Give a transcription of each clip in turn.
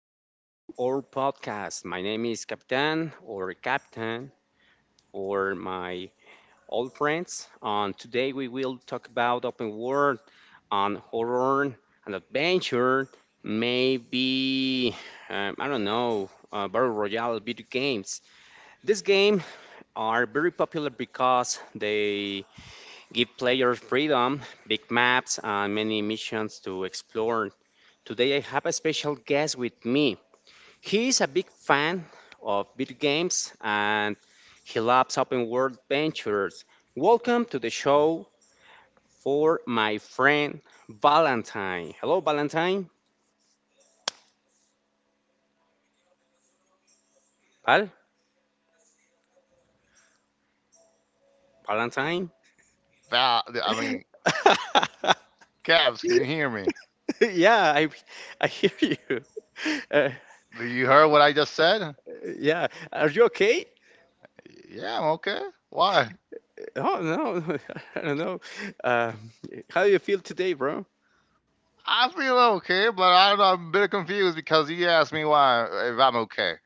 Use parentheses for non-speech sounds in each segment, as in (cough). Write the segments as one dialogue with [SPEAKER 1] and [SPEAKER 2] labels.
[SPEAKER 1] Welcome to our podcast. My name is Capitan or Captain or my old friends. And today we will talk about open world and horror and adventure, maybe I don't know, battle royale video games. These games are very popular because they give players freedom, big maps, and many missions to explore. Today I have a special guest with me. He is a big fan of video games and he loves open world ventures. Welcome to the show for my friend Valentine. Hello, Valentine.
[SPEAKER 2] Hello, everybody. My name is Valentine, or you can call me Val. How are you? How are you
[SPEAKER 1] Val?
[SPEAKER 2] doing today?
[SPEAKER 1] Valentine?
[SPEAKER 2] Val, I mean, Cavs, can you hear me?
[SPEAKER 1] (laughs) Yeah, I hear you. (laughs) Uh,
[SPEAKER 2] Do you hear what I just said?
[SPEAKER 1] yeah, are you okay?
[SPEAKER 2] Yeah, I'm okay. Why?
[SPEAKER 1] Oh, no, (laughs) I don't know. Um how do you feel today, bro?
[SPEAKER 2] I feel okay, but I don't know. I'm a bit confused because he asked me why if I'm okay.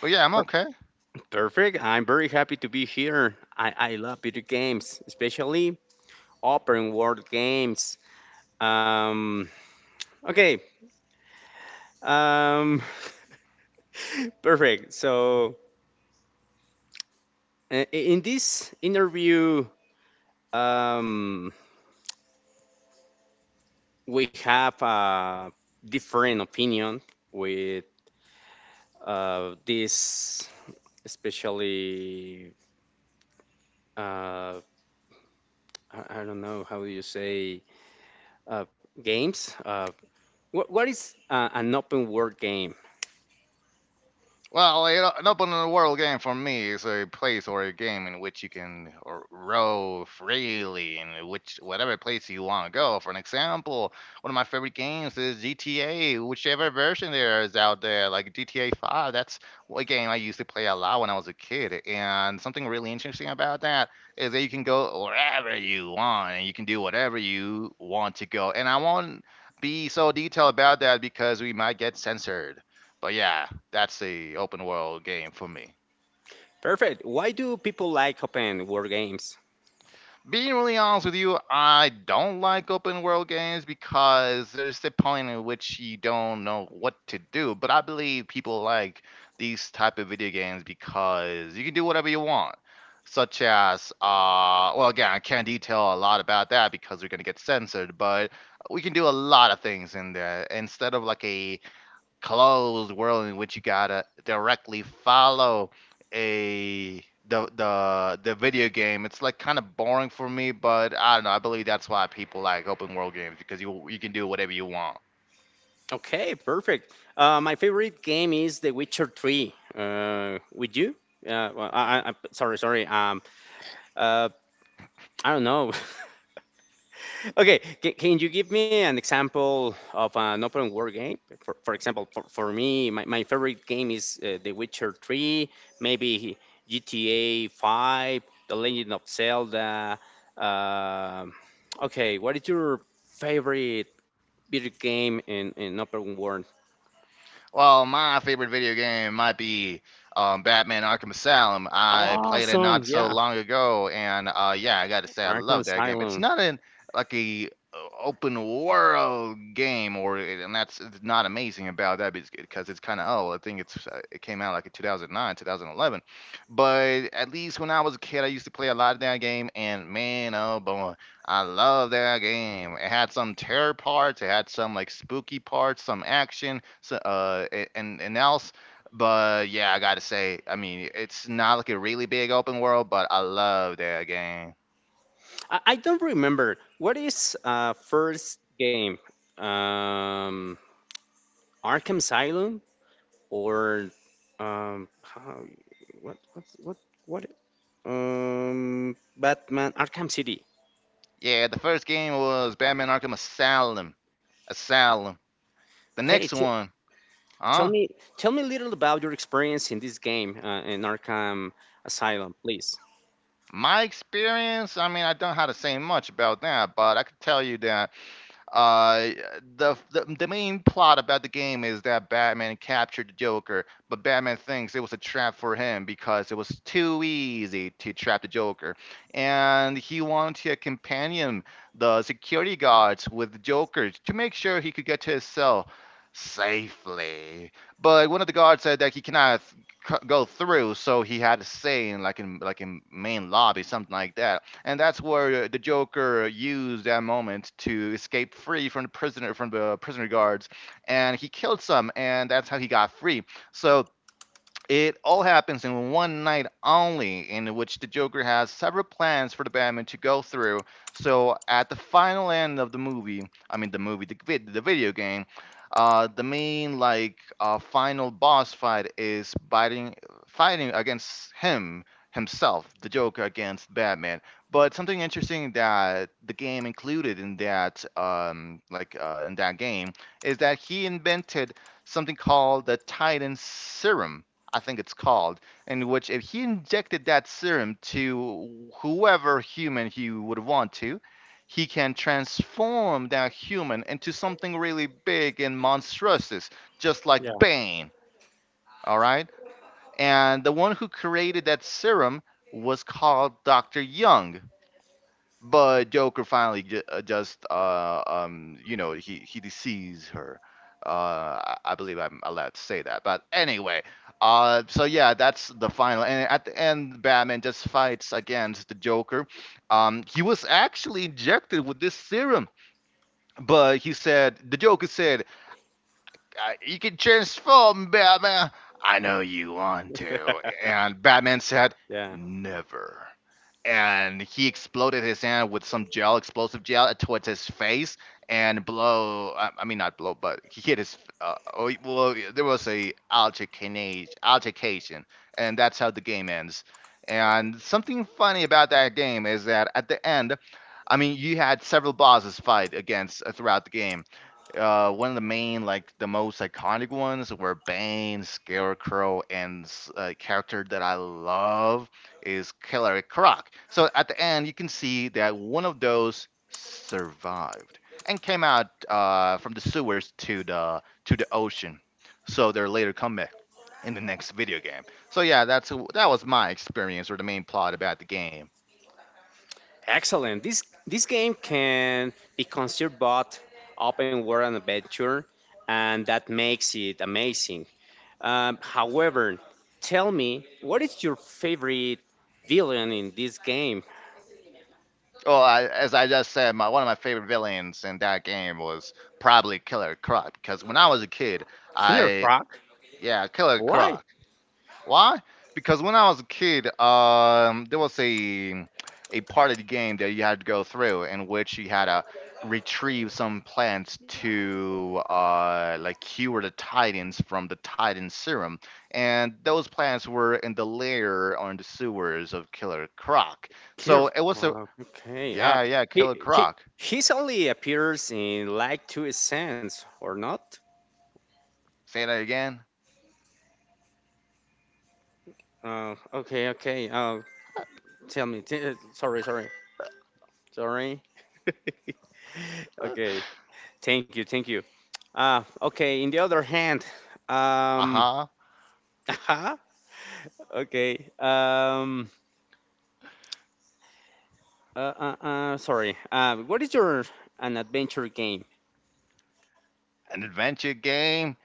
[SPEAKER 2] But yeah, I'm
[SPEAKER 1] Per-
[SPEAKER 2] okay.
[SPEAKER 1] Perfect. I'm very happy to be here. I love video games, especially open world games. Um, okay. Um, (laughs) Perfect. So uh, in this interview, um, we have a different opinion with this, especially uh, I don't know how do you say uh, games. What is an open world game?
[SPEAKER 2] Well, you know, an open world game for me is a place or a game in which you can roam freely in which whatever place you want to go. For an example, one of my favorite games is GTA, whichever version there is out there, like GTA 5. That's a game I used to play a lot when I was a kid. And something really interesting about that is that you can go wherever you want and you can do whatever you want to go. And I won't be so detailed about that because we might get censored. But yeah, that's a open world game for me.
[SPEAKER 1] Perfect. Why do people like open world games?
[SPEAKER 2] Being really honest with you, I don't like open world games because there's the point in which you don't know what to do. But I believe people like these type of video games because you can do whatever you want. Well, again, I can't detail a lot about that because we're gonna get censored. But we can do a lot of things in there instead of like a closed world in which you gotta directly follow a the video game. It's like kind of boring for me, but I don't know. I believe that's why people like open world games because you can do whatever you want.
[SPEAKER 1] Okay, perfect. My favorite game is The Witcher 3. With you? Well, I'm sorry, sorry. Uh, I don't know. (laughs) Okay, can you give me an example of an open world game? For example, for me, my favorite game is The Witcher 3, maybe GTA 5, The Legend of Zelda. Um okay, what is your favorite video game in open world?
[SPEAKER 2] Well, my favorite video game might be Batman Arkham Asylum. I played it
[SPEAKER 1] Awesome.
[SPEAKER 2] not so
[SPEAKER 1] Yeah,
[SPEAKER 2] long ago, and yeah, I got to say I
[SPEAKER 1] Arkham
[SPEAKER 2] love that game. It's
[SPEAKER 1] Asylum.
[SPEAKER 2] not an like a open world game, or and that's it's not amazing about that because it's kind of old. I think it's it came out like in 2009, 2011. But at least when I was a kid, I used to play a lot of that game, and man, oh boy, I love that game. It had some terror parts, it had some like spooky parts, some action, so, and else. But yeah, I gotta say, I mean, it's not like a really big open world, but I love that game.
[SPEAKER 1] I don't remember. What is first game? Um
[SPEAKER 2] Of Batman?
[SPEAKER 1] Arkham Asylum or how, what what what what Batman Arkham City.
[SPEAKER 2] Yeah, the first game was Batman Arkham Asylum.
[SPEAKER 1] Uh,
[SPEAKER 2] Asylum. The
[SPEAKER 1] Okay,
[SPEAKER 2] next
[SPEAKER 1] t
[SPEAKER 2] one,
[SPEAKER 1] tell
[SPEAKER 2] huh?
[SPEAKER 1] me tell me a little about your experience in this game in Arkham Asylum, please.
[SPEAKER 2] My experience, I mean, I don't know how to say much about that, but I could tell you that Uh, the main plot about the game is that Batman captured the Joker, but Batman thinks it was a trap for him because it was too easy to trap the Joker, and he wanted to companion the security guards with the Joker to make sure he could get to his cell safely. But one of the guards said that he cannot go through. So he had a saying like in in main lobby, something like that. And that's where the Joker used that moment to escape free from the prisoner guards, and he killed some, and that's how he got free. So it all happens in one night only, in which the Joker has several plans for the Batman to go through. So, at the final end of the movie, the video game, the main, final boss fight is fighting against him, himself, the Joker against Batman. But something interesting that the game included in that, in that game, is that he invented something called the Titan Serum I think it's called, in which if he injected that serum to whoever human he would want to, he can transform that human into something really big and monstrous, just
[SPEAKER 1] Yeah,
[SPEAKER 2] like Bane. All right. And the one who created that serum was called Dr. Young, but Joker finally ju- just you know, he deceives her. Uh, I believe I'm allowed to say that, but anyway, so yeah, that's the final, and at the end, Batman just fights against the Joker. He was actually injected with this serum, but he said, the Joker said, you can transform, Batman. I know you want to. And Batman said,
[SPEAKER 1] yeah.
[SPEAKER 2] never. And he exploded his hand with some gel, explosive gel, towards his face and blow. I mean, not blow, but he hit his. Oh, well, there was a altercation, and that's how the game ends. And something funny about that game is that at the end, I mean, you had several bosses fight against throughout the game, one of the main, like the most iconic ones, were Bane, Scarecrow, and a character that I love is Killer Croc. So at the end, you can see that one of those survived and came out from the sewers to the ocean. So they're later comeback in the next video game. So yeah, that was my experience or the main plot about the game.
[SPEAKER 1] Excellent. This game can be considered both open world and adventure, and that makes it amazing. However, tell me, what is your favorite villain in this game?
[SPEAKER 2] Well, as I just said, one of my favorite villains in that game was probably Killer Croc because when I was a kid,
[SPEAKER 1] Killer
[SPEAKER 2] I
[SPEAKER 1] Croc.
[SPEAKER 2] yeah, Killer
[SPEAKER 1] Why?
[SPEAKER 2] Croc. Why? Because when I was a kid, there was a part of the game that you had to go through in which you had to retrieve some plants to like cure the titans from the titan serum, and those plants were in the lair or in the sewers of Killer Croc,
[SPEAKER 1] Killer
[SPEAKER 2] so it was a
[SPEAKER 1] Croc. Okay.
[SPEAKER 2] yeah, yeah, Killer
[SPEAKER 1] He he
[SPEAKER 2] Croc.
[SPEAKER 1] he's only appears in like 2 scenes, or not?
[SPEAKER 2] Say that again.
[SPEAKER 1] Uh, okay. Okay. Uh, Tell me. Sorry. Sorry. Sorry. (laughs)
[SPEAKER 2] (laughs)
[SPEAKER 1] Okay. Thank you. Thank you. Ah, okay. In the other hand,
[SPEAKER 2] Uh
[SPEAKER 1] um,
[SPEAKER 2] huh.
[SPEAKER 1] (laughs) okay. Sorry. What is your an adventure game?
[SPEAKER 2] An adventure game.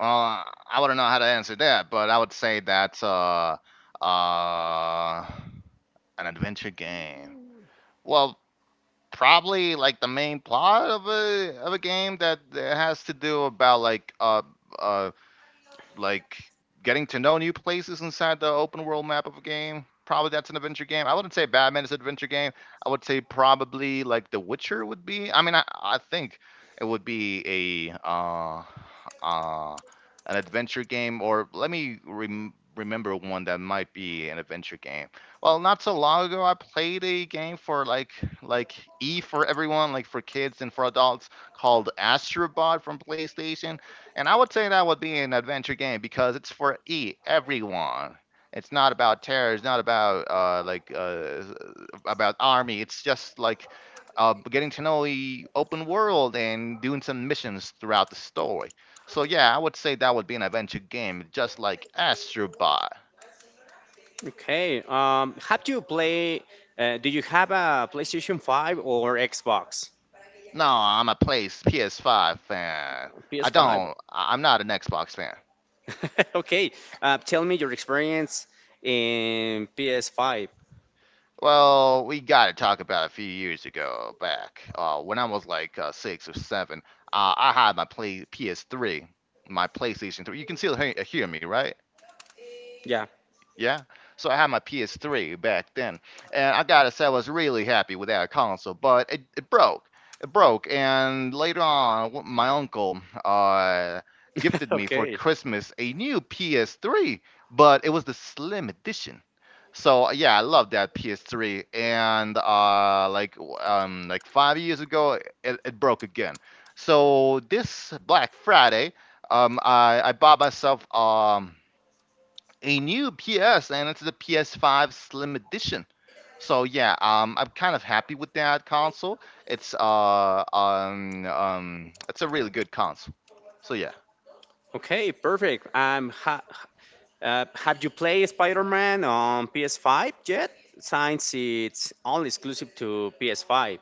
[SPEAKER 2] I wouldn't know how to answer that, but I would say that's uh, an adventure game. Well, probably like the main plot of a game that has to do about uh like getting to know new places inside the open world map of a game. Probably that's an adventure game. I wouldn't say Batman is an adventure game. I would say probably like The Witcher would be. I mean, I think it would be a uh, an adventure game, or let me remember one that might be an adventure game. Well, not so long ago, I played a game for like E for everyone, like for kids and for adults, called Astrobot from PlayStation, and I would say that would be an adventure game because it's for e everyone. It's not about terror. It's not about about army. It's just like getting to know the open world and doing some missions throughout the story. So yeah, I would say that would be an adventure game, just like Astrobot.
[SPEAKER 1] Okay. Have you play? Do you have a PlayStation 5 or Xbox?
[SPEAKER 2] No, I'm a place PS5 fan.
[SPEAKER 1] PS
[SPEAKER 2] I
[SPEAKER 1] Five.
[SPEAKER 2] don't. I'm not an Xbox fan.
[SPEAKER 1] (laughs) Okay. Tell me your experience in PS5.
[SPEAKER 2] Well, we got to talk about a few years ago back, when I was like six or seven. I had my play PS3, my PlayStation 3. You can still hear me, right?
[SPEAKER 1] Yeah.
[SPEAKER 2] Yeah. So I had my PS3 back then, and I gotta say I was really happy with that console, but it broke. It broke, and later on, my uncle
[SPEAKER 1] (laughs)
[SPEAKER 2] gifted me for
[SPEAKER 1] Okay.
[SPEAKER 2] Christmas a new PS3, but it was the slim edition. So yeah, I love that PS3, and like 5 years ago, it broke again. So this Black Friday, I bought myself a new PS, and it's the PS5 Slim Edition. So yeah, I'm kind of happy with that console. It's a really good console. So yeah,
[SPEAKER 1] Okay. Perfect. Have you played Spider Man on PS5 yet? Since it's only exclusive to PS5.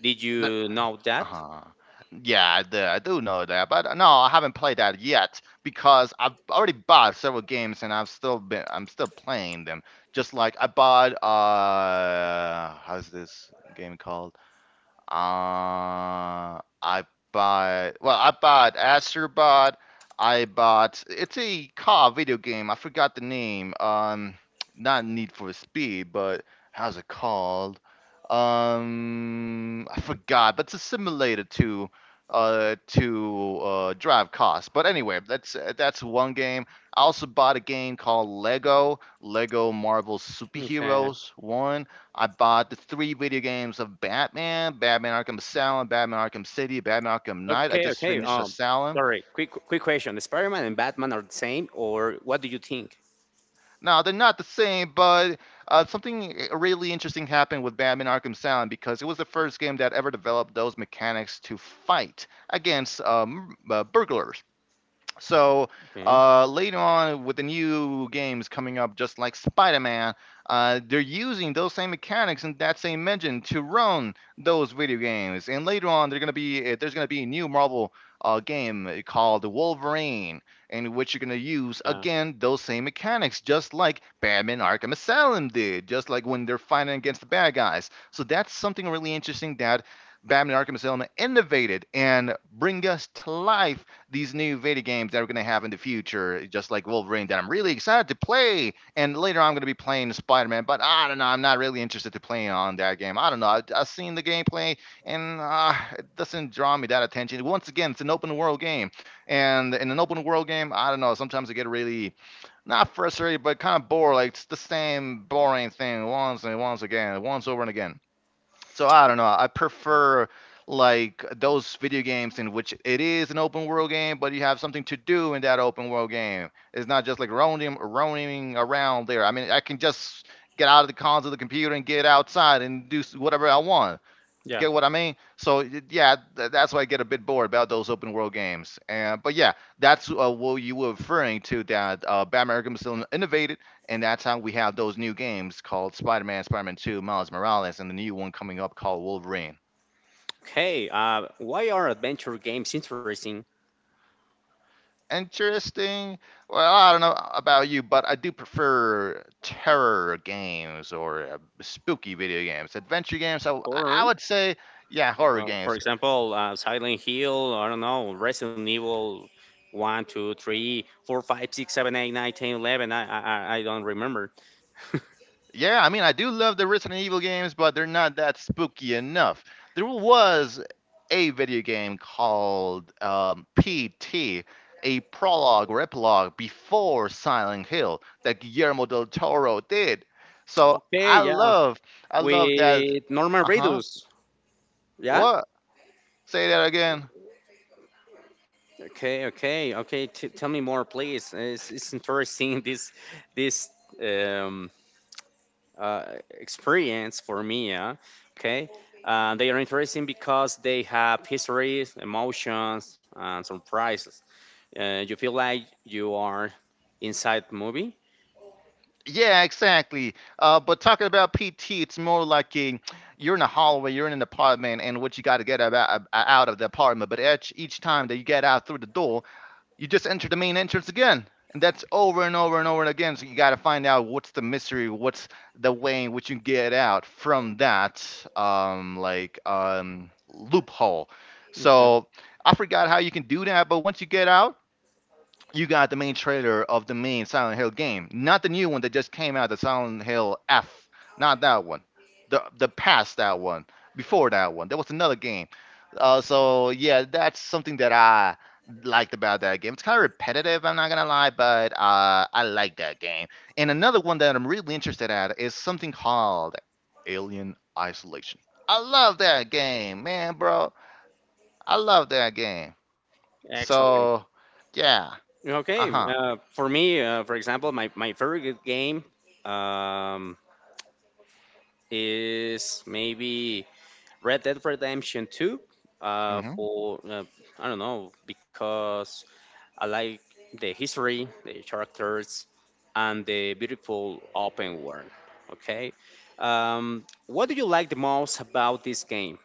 [SPEAKER 1] Did
[SPEAKER 2] that,
[SPEAKER 1] you know that?
[SPEAKER 2] uh yeah, I do know that, but no, I haven't played that yet because I've already bought several games and I've still been I'm still playing them. Just like I bought, how's this game called? I bought. Well, I bought Astrobot. I bought. It's a car video game. I forgot the name. Not Need for Speed, but how's it called? I forgot. But it's a simulator to, drive cars. But anyway, that's one game. I also bought a game called Lego Marvel
[SPEAKER 1] Okay.
[SPEAKER 2] Superheroes One. I bought the 3 video games of Batman: Batman Arkham Asylum, Batman Arkham City, Batman Arkham Knight. I
[SPEAKER 1] Okay,
[SPEAKER 2] just
[SPEAKER 1] okay.
[SPEAKER 2] finished Asylum.
[SPEAKER 1] Sorry. Quick question. Spider Man and Batman are the same, or what do you think?
[SPEAKER 2] Now, they're not the same, but something really interesting happened with Batman Arkham Asylum because it was the first game that ever developed those mechanics to fight against burglars. So
[SPEAKER 1] Okay.
[SPEAKER 2] later on, with the new games coming up, just like Spider-Man, they're using those same mechanics and that same engine to run those video games. And later on, they're gonna be there's gonna be a new Marvel game called Wolverine, in which you're gonna use
[SPEAKER 1] Yeah.
[SPEAKER 2] again those same mechanics, just like Batman: Arkham Asylum did, just like when they're fighting against the bad guys. So that's something really interesting that Batman: Arkham Asylum innovated and bring us to life these new video games that we're going to have in the future, just like Wolverine, that I'm really excited to play. And later on, I'm going to be playing Spider Man, but I don't know. I'm not really interested to playing on that game. I don't know. I've seen the gameplay, and it doesn't draw me that attention. Once again, it's an open world game. And in an open world game, I don't know. Sometimes I get really not frustrated, but kind of bored. Like it's the same boring thing once and once again, once over and again, so I don't know. I prefer like those video games in which it is an open world game, but you have something to do in that open world game. It's not just like roaming around there. I mean, I can just get out of the cons of the computer and get outside and do whatever I want. You
[SPEAKER 1] Yeah.
[SPEAKER 2] get what I mean? So yeah, that's why I get a bit bored about those open world games. And but yeah, that's what you were referring to. That Batman Arkham still innovated, and that's how we have those new games called Spider-Man, Spider-Man 2, Miles Morales, and the new one coming up called Wolverine.
[SPEAKER 1] Okay. Why are adventure games interesting?
[SPEAKER 2] Interesting. Well, I don't know about you, but I do prefer terror games or spooky video games, adventure games. So I
[SPEAKER 1] Horror?
[SPEAKER 2] would say, yeah, horror
[SPEAKER 1] For
[SPEAKER 2] games.
[SPEAKER 1] example, Silent Hill, I don't know, Resident Evil One, 2, 3, 4, 5, 6, 7, 8, 9, 10, 11. I don't remember. (laughs)
[SPEAKER 2] Yeah, I mean, I do love the Resident Evil games, but they're not that spooky enough. There was a video game called PT, a prologue or epilogue before Silent Hill that Guillermo del Toro did. So
[SPEAKER 1] Okay, yeah.
[SPEAKER 2] I love that.
[SPEAKER 1] With Norman
[SPEAKER 2] Uh huh.
[SPEAKER 1] Reedus. Yeah.
[SPEAKER 2] What? Say that again.
[SPEAKER 1] Okay, okay, okay. Tell me more, please. It's interesting (laughs) this um, uh, experience for me. Yeah. Okay. They are interesting because they have histories, emotions, and surprises. You feel like you are inside the movie.
[SPEAKER 2] Yeah, exactly. But talking about PT, it's more like a, you're in a hallway, you're in an apartment, and what you got to out of the apartment. But each time that you get out through the door, you just enter the main entrance again. And that's over and over and over and again. So you got to find out what's the mystery, what's the way in which you get out from that like loophole.
[SPEAKER 1] Okay,
[SPEAKER 2] So I forgot how you can do that, but once you get out, you got the main trailer of the main Silent Hill game, not the new one that just came out, the Silent Hill F, not that one, the past that one, before that one, there was another game. So yeah, that's something that I liked about that game. It's kind of repetitive, I'm not gonna lie, but I like that game. And another one that I'm really interested at is something called Alien Isolation. I love that game, man, bro. I love that game.
[SPEAKER 1] excellent.
[SPEAKER 2] So yeah, uh
[SPEAKER 1] Okay,
[SPEAKER 2] huh.
[SPEAKER 1] for me, for example, my favorite game um, is maybe Red Dead Redemption 2.
[SPEAKER 2] Mm hmm.
[SPEAKER 1] For I don't know because I like the history, the characters, and the beautiful open world. Okay, what do you like the most about this game?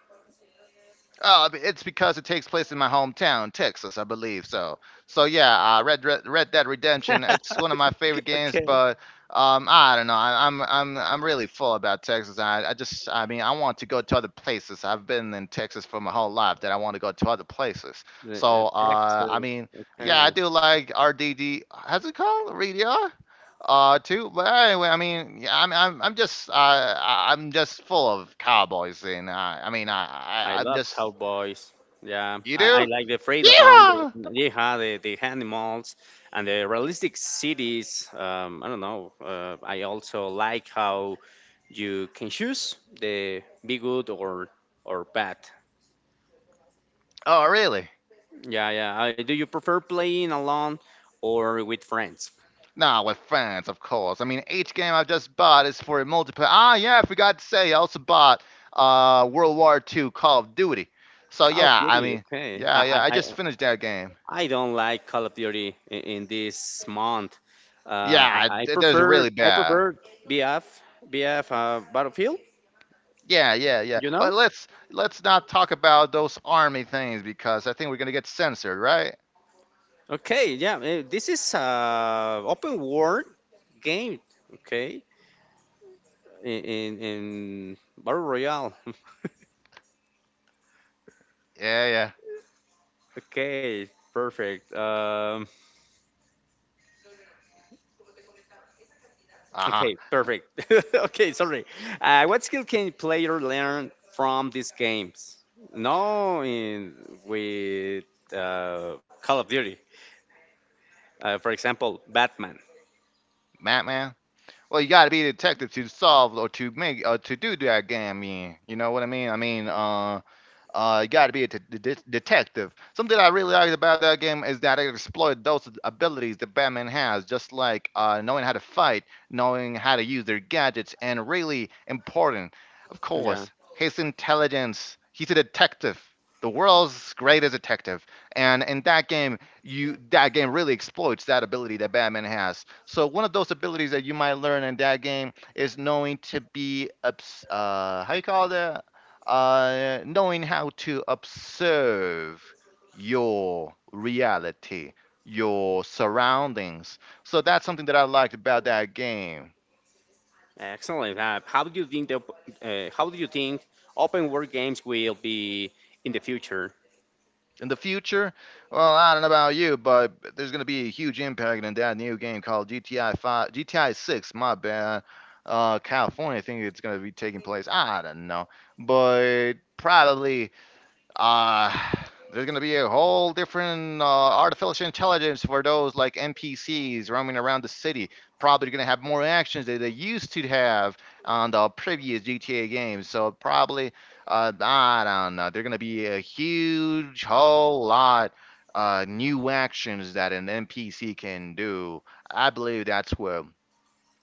[SPEAKER 2] Oh, it's because it takes place in my hometown, Texas, I believe. So, so yeah, Red Dead Redemption. It's one of my favorite games,
[SPEAKER 1] Okay.
[SPEAKER 2] but I don't know. I'm really full about Texas. I just I mean I want to go to other places. I've been in Texas for my whole life. That I want to go to other places. So, I
[SPEAKER 1] Texas.
[SPEAKER 2] mean, yeah,
[SPEAKER 1] Okay.
[SPEAKER 2] I do like RDD. How's it called? RDR. Too. But anyway, I mean, yeah, I'm just, I'm just full of cowboys, and I mean,
[SPEAKER 1] I
[SPEAKER 2] I'm
[SPEAKER 1] love
[SPEAKER 2] just
[SPEAKER 1] cowboys. Yeah,
[SPEAKER 2] you
[SPEAKER 1] I
[SPEAKER 2] do?
[SPEAKER 1] like the freedom,
[SPEAKER 2] Yeah.
[SPEAKER 1] yeah, the animals, and the realistic cities. I don't know. I also like how you can choose the be good or bad.
[SPEAKER 2] Oh, really?
[SPEAKER 1] Yeah, yeah. Do you prefer playing alone or with friends?
[SPEAKER 2] Nah, with friends, of course. I mean, each game I've just bought is for a multiplayer. Ah, yeah, I forgot to say, I also bought World War Two Call of Duty. So
[SPEAKER 1] Call of
[SPEAKER 2] yeah, I
[SPEAKER 1] Duty.
[SPEAKER 2] mean,
[SPEAKER 1] Okay.
[SPEAKER 2] yeah, yeah, I just finished that game.
[SPEAKER 1] I don't like Call of Duty in this month. Uh, I,
[SPEAKER 2] Yeah, there's a really
[SPEAKER 1] I
[SPEAKER 2] bad.
[SPEAKER 1] prefer BF BF Battlefield.
[SPEAKER 2] Yeah, yeah, yeah.
[SPEAKER 1] You
[SPEAKER 2] But
[SPEAKER 1] know?
[SPEAKER 2] let's not talk about those army things because I think we're gonna get censored, right?
[SPEAKER 1] Okay, yeah. This is a open world game. Okay, in battle royale. (laughs)
[SPEAKER 2] Yeah, yeah.
[SPEAKER 1] Okay, perfect.
[SPEAKER 2] Uh huh.
[SPEAKER 1] Okay, perfect. (laughs) Okay, sorry. What skill can player learn from these games? No, in with Call of Duty. For example, Batman.
[SPEAKER 2] Batman. Well, you got to be a detective to solve or to make or to do that game. I mean, you know what I mean? I mean, you got to be a detective. Something I really liked about that game is that it explored those abilities that Batman has, just like knowing how to fight, knowing how to use their gadgets, and really important, of
[SPEAKER 1] Yeah.
[SPEAKER 2] course, his intelligence. He's a detective, the world's greatest detective, and in that game, you that game really exploits that ability that Batman has. So one of those abilities that you might learn in that game is knowing to be how you call it, knowing how to observe your reality, your surroundings. So that's something that I liked about that game.
[SPEAKER 1] Excellent. How do you think open world games will be in the future?
[SPEAKER 2] In the future, well, I don't know about you, but there's going to be a huge impact in that new game called GTI 5, GTI 6, my bad. California, I think it's going to be taking place. I don't know, but probably uh, there's going to be a whole different artificial intelligence for those like NPCs roaming around the city. Probably going to have more actions that they used to have on the previous GTA games. So probably, I don't know. They're going to be a huge whole lot new actions that an NPC can do. I believe that's where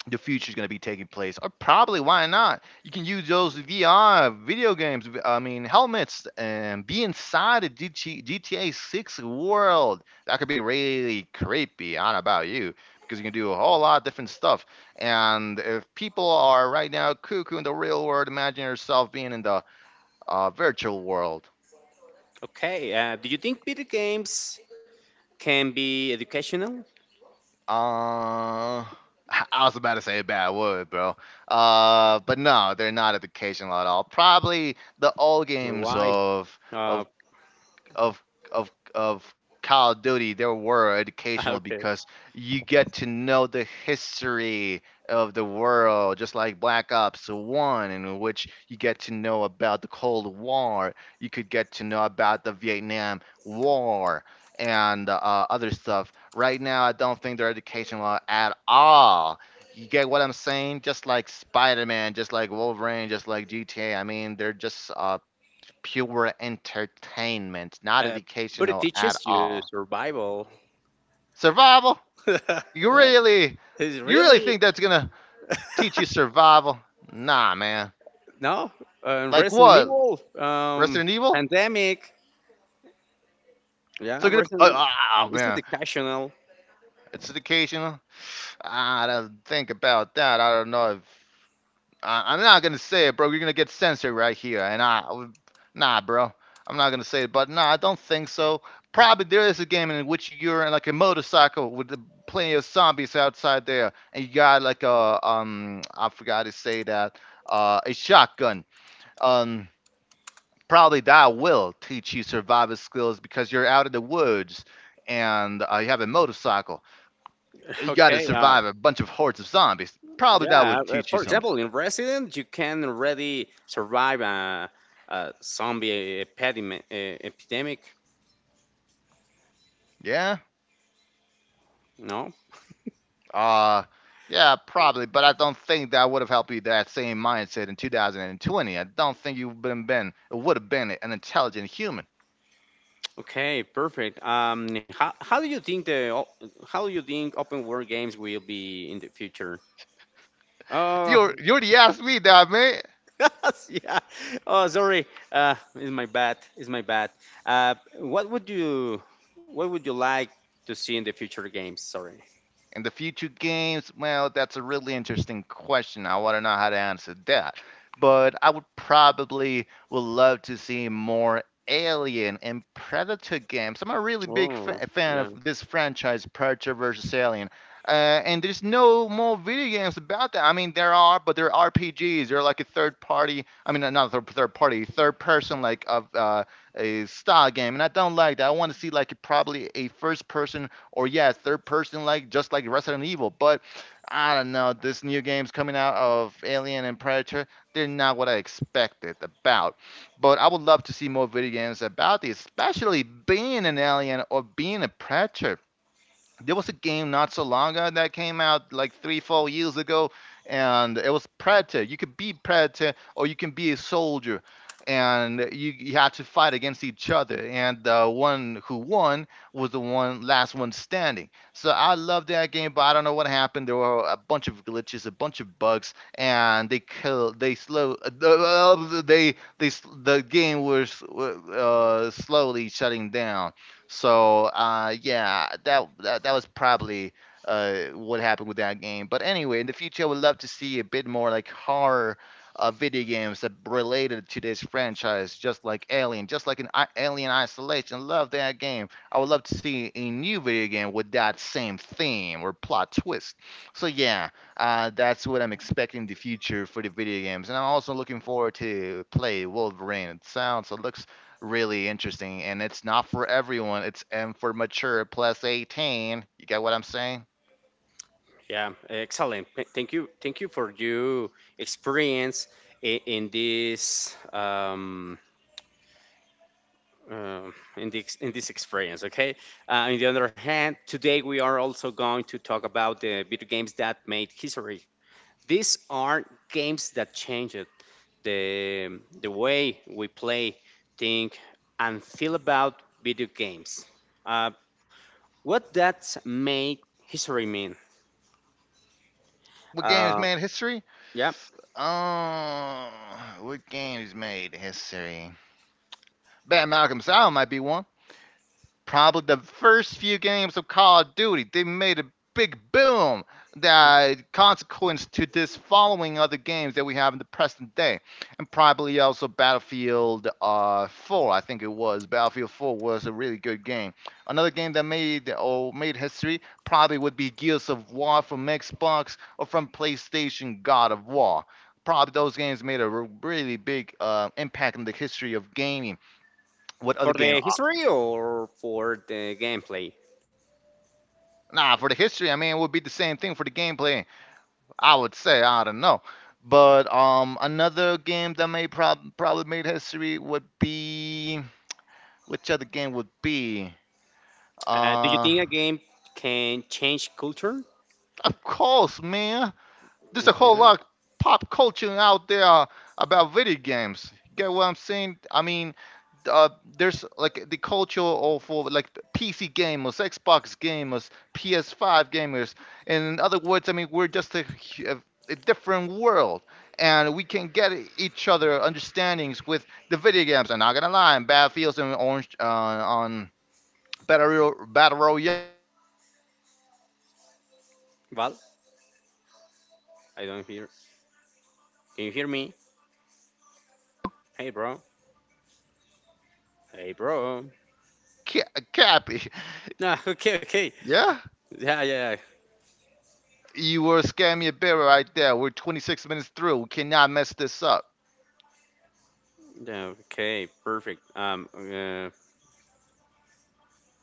[SPEAKER 2] the future is going to be taking place. Or probably, why not? You can use those VR video games, I mean, helmets, and be inside the GTA 6 world. That could be really creepy. I don't know about you, because you can do a whole lot of different stuff. And if people are right now cuckoo in the real world, imagine yourself being in the virtual world.
[SPEAKER 1] Okay. Do you think video games can be educational
[SPEAKER 2] Uh, (laughs) I was about to say a bad word, bro. But no, they're not educational at all. Probably the old
[SPEAKER 1] or
[SPEAKER 2] games
[SPEAKER 1] why?
[SPEAKER 2] of
[SPEAKER 1] Uh,
[SPEAKER 2] of of of of Call of Duty they were educational
[SPEAKER 1] (laughs) okay.
[SPEAKER 2] because you get to know the history of the world, just like Black Ops One, in which you get to know about the Cold War, you could get to know about the Vietnam War and other stuff. Right now, I don't think they're educational at all. You get what I'm saying? Just like Spider Man, just like Wolverine, just like GTA. I mean, they're just pure entertainment, not
[SPEAKER 1] Uh, but it
[SPEAKER 2] educational at
[SPEAKER 1] teaches you
[SPEAKER 2] all.
[SPEAKER 1] survival.
[SPEAKER 2] Survival?
[SPEAKER 1] (laughs)
[SPEAKER 2] You
[SPEAKER 1] Yeah,
[SPEAKER 2] really
[SPEAKER 1] it's
[SPEAKER 2] you really
[SPEAKER 1] really
[SPEAKER 2] think that's gonna teach you survival? Nah, man.
[SPEAKER 1] no
[SPEAKER 2] Like
[SPEAKER 1] Resident
[SPEAKER 2] what?
[SPEAKER 1] Evil,
[SPEAKER 2] Resident Evil?
[SPEAKER 1] pandemic. Yeah,
[SPEAKER 2] So gonna
[SPEAKER 1] Resident Evil.
[SPEAKER 2] oh
[SPEAKER 1] It's
[SPEAKER 2] man,
[SPEAKER 1] educational.
[SPEAKER 2] it's educational. Ah, I don't think about that. I don't know if I'm not gonna say it, bro. You're gonna get censored right here, and I, nah, bro. I'm not gonna say it, but nah, I don't think so. Probably there is a game in which you're in like a motorcycle with the, plenty of zombies outside there, and you got like a I forgot to say that, a shotgun. Um, probably that will teach you survival skills because you're out in the woods and you have a motorcycle.
[SPEAKER 1] (laughs)
[SPEAKER 2] You got to
[SPEAKER 1] Okay.
[SPEAKER 2] survive a bunch of hordes of zombies. Probably
[SPEAKER 1] Yeah,
[SPEAKER 2] that would teach you
[SPEAKER 1] for
[SPEAKER 2] something.
[SPEAKER 1] example, in Resident, you can already survive a zombie epidemic. Epidemic,
[SPEAKER 2] Yeah.
[SPEAKER 1] no?
[SPEAKER 2] Uh, yeah, probably, but I don't think that would have helped you that same mindset in 2020. I don't think you would have been would have been an intelligent human.
[SPEAKER 1] Okay, perfect. How do you think open world games will be in the future? Oh,
[SPEAKER 2] You're the ass me that man.
[SPEAKER 1] (laughs) yeah. Oh, sorry. It's my bad. It's my bad. Uh, what would you what would you like to see in the future games? Sorry.
[SPEAKER 2] In the future games, well, that's a really interesting question. I want to know how to answer that. But I would probably would love to see more Alien and Predator games. I'm a really big
[SPEAKER 1] Oh,
[SPEAKER 2] fan of this franchise, Predator versus Alien. And there's no more video games about that. I mean, there are, but they're RPGs. They're like a third party. Third person like of a style game, and I don't like that. I want to see like probably a first person or yeah, third person like just like Resident Evil. But I don't know, this new games coming out of Alien and Predator, they're not what I expected about. But I would love to see more video games about these, especially being an alien or being a predator there was a game not so long ago that came out like three, 4 years ago, and it was Predator. You could be Predator or you can be a soldier, and you had to fight against each other. And the one who won was the one last one standing. So I love that game, but I don't know what happened. There were a bunch of glitches, a bunch of bugs, and they killed. They slow. The game was slowly shutting down. So yeah, that was probably what happened with that game. But anyway, in the future, I would love to see a bit more like horror video games that related to this franchise, just like Alien, just like Alien Isolation. Love that game. I would love to see a new video game with that same theme or plot twist. So yeah, that's what I'm expecting in the future for the video games, and I'm also looking forward to play Wolverine. It looks really interesting, and it's not for everyone. It's M for mature plus 18. You get what I'm saying?
[SPEAKER 1] yeah, excellent. Thank you. Thank you for your experience in this in this in this experience. Okay. On the other hand, today we are also going to talk about the video games that made history. These are games that changed the way we play, think, and feel about video games. Uh, what that make history mean?
[SPEAKER 2] What game is
[SPEAKER 1] Uh,
[SPEAKER 2] made history?
[SPEAKER 1] yeah.
[SPEAKER 2] Oh, what game is made history? Bad Malcolm Sound might be one. Probably the first few games of Call of Duty, they made a big boom that consequence to this following other games that we have in the present day, and probably also Battlefield 4. I think it was Battlefield 4 was a really good game. Another game that made or made history probably would be Gears of War from Xbox or from PlayStation God of War. Probably those games made a really big impact in the history of gaming. What other
[SPEAKER 1] For
[SPEAKER 2] game?
[SPEAKER 1] the history or for the gameplay?
[SPEAKER 2] Nah, for the history, I mean, it would be the same thing for the gameplay. I would say, I don't know. But another game that probably made history would be, which other game would be?
[SPEAKER 1] Do you
[SPEAKER 2] Uh,
[SPEAKER 1] think a game can change culture?
[SPEAKER 2] of course, man. There's a
[SPEAKER 1] Okay.
[SPEAKER 2] whole lot of pop culture out there about video games. Get what I'm saying? I mean, uh, there's like the culture of for like PC gamers, Xbox gamers, PS5 gamers. And in other words, I mean we're just a, a different world, and we can get each other understandings with the video games. I'm not gonna lie, in Battlefields and Orange on Battle Royales, we get a bit picky on the voice chat,
[SPEAKER 1] Well,
[SPEAKER 2] uh, but I mean
[SPEAKER 1] I don't hear.
[SPEAKER 2] we are a different culture.
[SPEAKER 1] Can you hear
[SPEAKER 2] We
[SPEAKER 1] me?
[SPEAKER 2] are, yeah, I can hear you,
[SPEAKER 1] Hey, bro. Hey, bro.
[SPEAKER 2] Cappy,
[SPEAKER 1] No, (laughs) okay, okay.
[SPEAKER 2] (laughs) yeah.
[SPEAKER 1] Yeah, yeah, yeah.
[SPEAKER 2] You were scaring me a bit right there. We're 26 minutes through. We cannot mess this up.
[SPEAKER 1] Yeah, okay, perfect. Um, uh,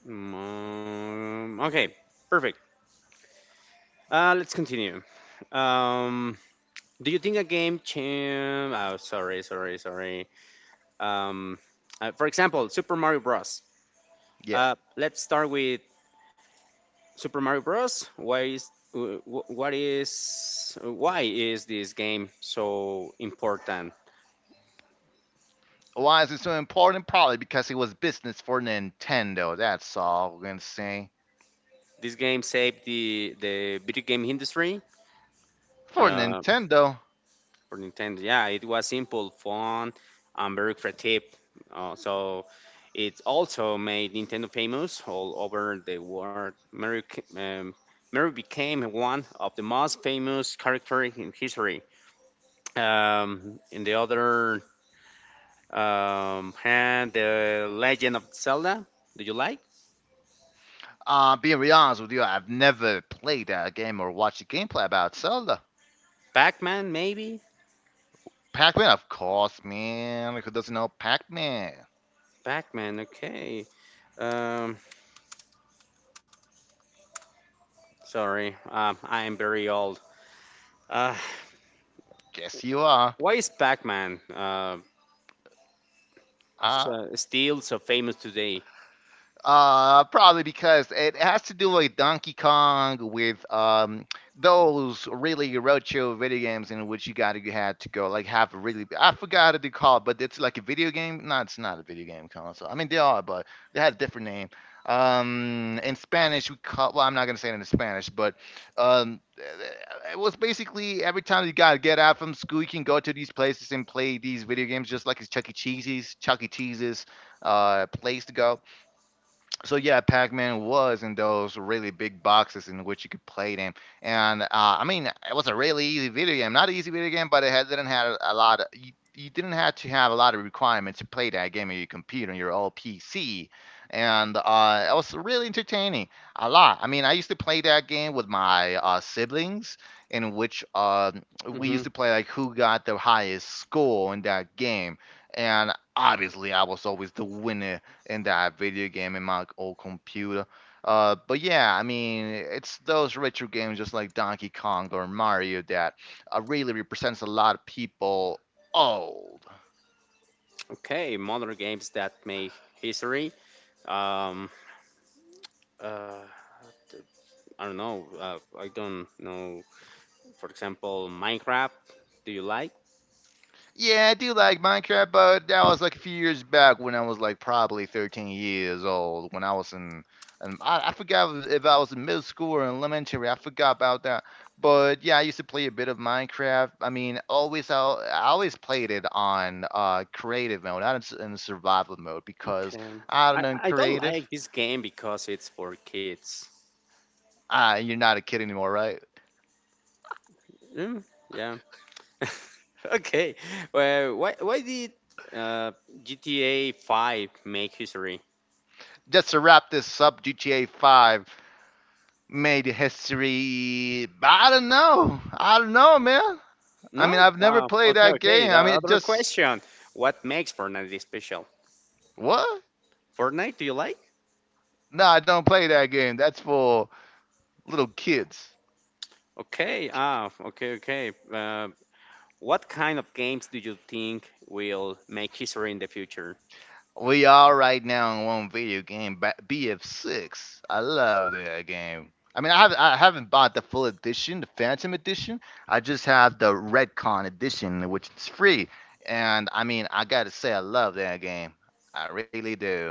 [SPEAKER 1] mm, Okay, perfect. Let's continue. Um, do you think a game change? Oh, sorry, sorry, sorry. Um, for example, Super Mario Bros.
[SPEAKER 2] Yeah.
[SPEAKER 1] Let's start with Super Mario Bros. Why is wh- wh- what is why is this game so important?
[SPEAKER 2] Why is it so important? Probably because it was business for Nintendo. That's all we're gonna say.
[SPEAKER 1] This game saved the video game industry
[SPEAKER 2] For
[SPEAKER 1] uh,
[SPEAKER 2] Nintendo.
[SPEAKER 1] for Nintendo. Yeah, it was simple, fun, and very creative. So it also made Nintendo famous all over the world. Mario became one of the most famous characters in history. In the other and The Legend of Zelda. Do you like?
[SPEAKER 2] Being real honest with you, I've never played a game or watched a gameplay about Zelda.
[SPEAKER 1] Pac-Man, maybe?
[SPEAKER 2] Pac-Man, of course, man. Who doesn't know Pac-Man?
[SPEAKER 1] Pac-Man, okay. Um, sorry, I'm very old. Uh,
[SPEAKER 2] Guess you are.
[SPEAKER 1] why is Pac-Man
[SPEAKER 2] Uh,
[SPEAKER 1] so, still so famous today?
[SPEAKER 2] Probably because it has to do with Donkey Kong, with those really roadshow video games in which you had to go like have a really, I forgot what they call it, but it's like a video game. No, it's not a video game console. I mean they are, but they had a different name. In Spanish we call, well I'm not gonna say it in Spanish, but um, it was basically every time you gotta get out from school, you can go to these places and play these video games, just like it's Chuck E. Cheese's, Chuck E. Cheese's place to go. So yeah, Pac-Man was in those really big boxes in which you could play them, and I mean it was a really easy video game. Not an easy video game, but it had, didn't have a lot. Of, you didn't have to have a lot of requirements to play that game on your computer on your old PC, and it was really entertaining. A lot. I mean, I used to play that game with my siblings, in which we
[SPEAKER 1] Hmm.
[SPEAKER 2] used to play like who got the highest score in that game, and obviously I was always the winner in that video game in my old computer. But yeah, I mean, it's those retro games just like Donkey Kong or Mario that really represents a lot of people old.
[SPEAKER 1] Okay, modern games that make history. Um, uh, I don't know. For example, Minecraft. Do you like?
[SPEAKER 2] Yeah, I do like Minecraft, but that was like a few years back when I was like probably 13 years old. When I was in, and I forgot if I was in middle school or in elementary. I forgot about that. But yeah, I used to play a bit of Minecraft. I mean, always I always played it on creative mode, not in, in survival mode, because
[SPEAKER 1] Okay.
[SPEAKER 2] I don't know, in
[SPEAKER 1] I don't
[SPEAKER 2] creative,
[SPEAKER 1] like this game because it's for kids.
[SPEAKER 2] ah, you're not a kid anymore, right?
[SPEAKER 1] Mm, yeah. (laughs) Okay. Well, why did uh, GTA 5 make history?
[SPEAKER 2] Just to wrap this up, GTA 5 made history. I don't know. I don't know, man. I mean,
[SPEAKER 1] No.
[SPEAKER 2] I've never
[SPEAKER 1] Wow.
[SPEAKER 2] played
[SPEAKER 1] Okay.
[SPEAKER 2] that
[SPEAKER 1] Okay.
[SPEAKER 2] game.
[SPEAKER 1] The
[SPEAKER 2] I mean, it
[SPEAKER 1] other
[SPEAKER 2] just,
[SPEAKER 1] question: what makes Fortnite special?
[SPEAKER 2] what?
[SPEAKER 1] Fortnite, do you like?
[SPEAKER 2] No, I don't play that game. That's for little kids.
[SPEAKER 1] Okay. Ah. Okay. Okay. What kind of games do you think will make history in the future?
[SPEAKER 2] We are right now in one video game, BF6. I love that game. I mean, I haven't bought the full edition, the Phantom edition. I just have the Redcon edition, which is free. And I mean, I gotta say, I love that game. I really do.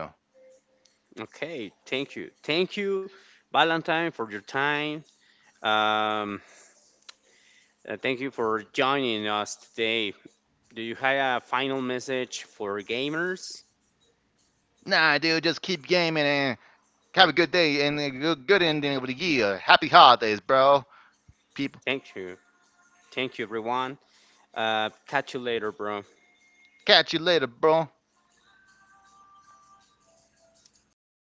[SPEAKER 1] Okay. Thank you. Thank you, Valentine, for your time. Um, thank you for joining us today. Do you have a final message for gamers?
[SPEAKER 2] Nah, dude, just keep gaming and have a good day and a good ending of the year. Happy holidays, bro. People
[SPEAKER 1] Thank you. Thank you, everyone. Catch you later, bro.
[SPEAKER 2] catch you later, bro.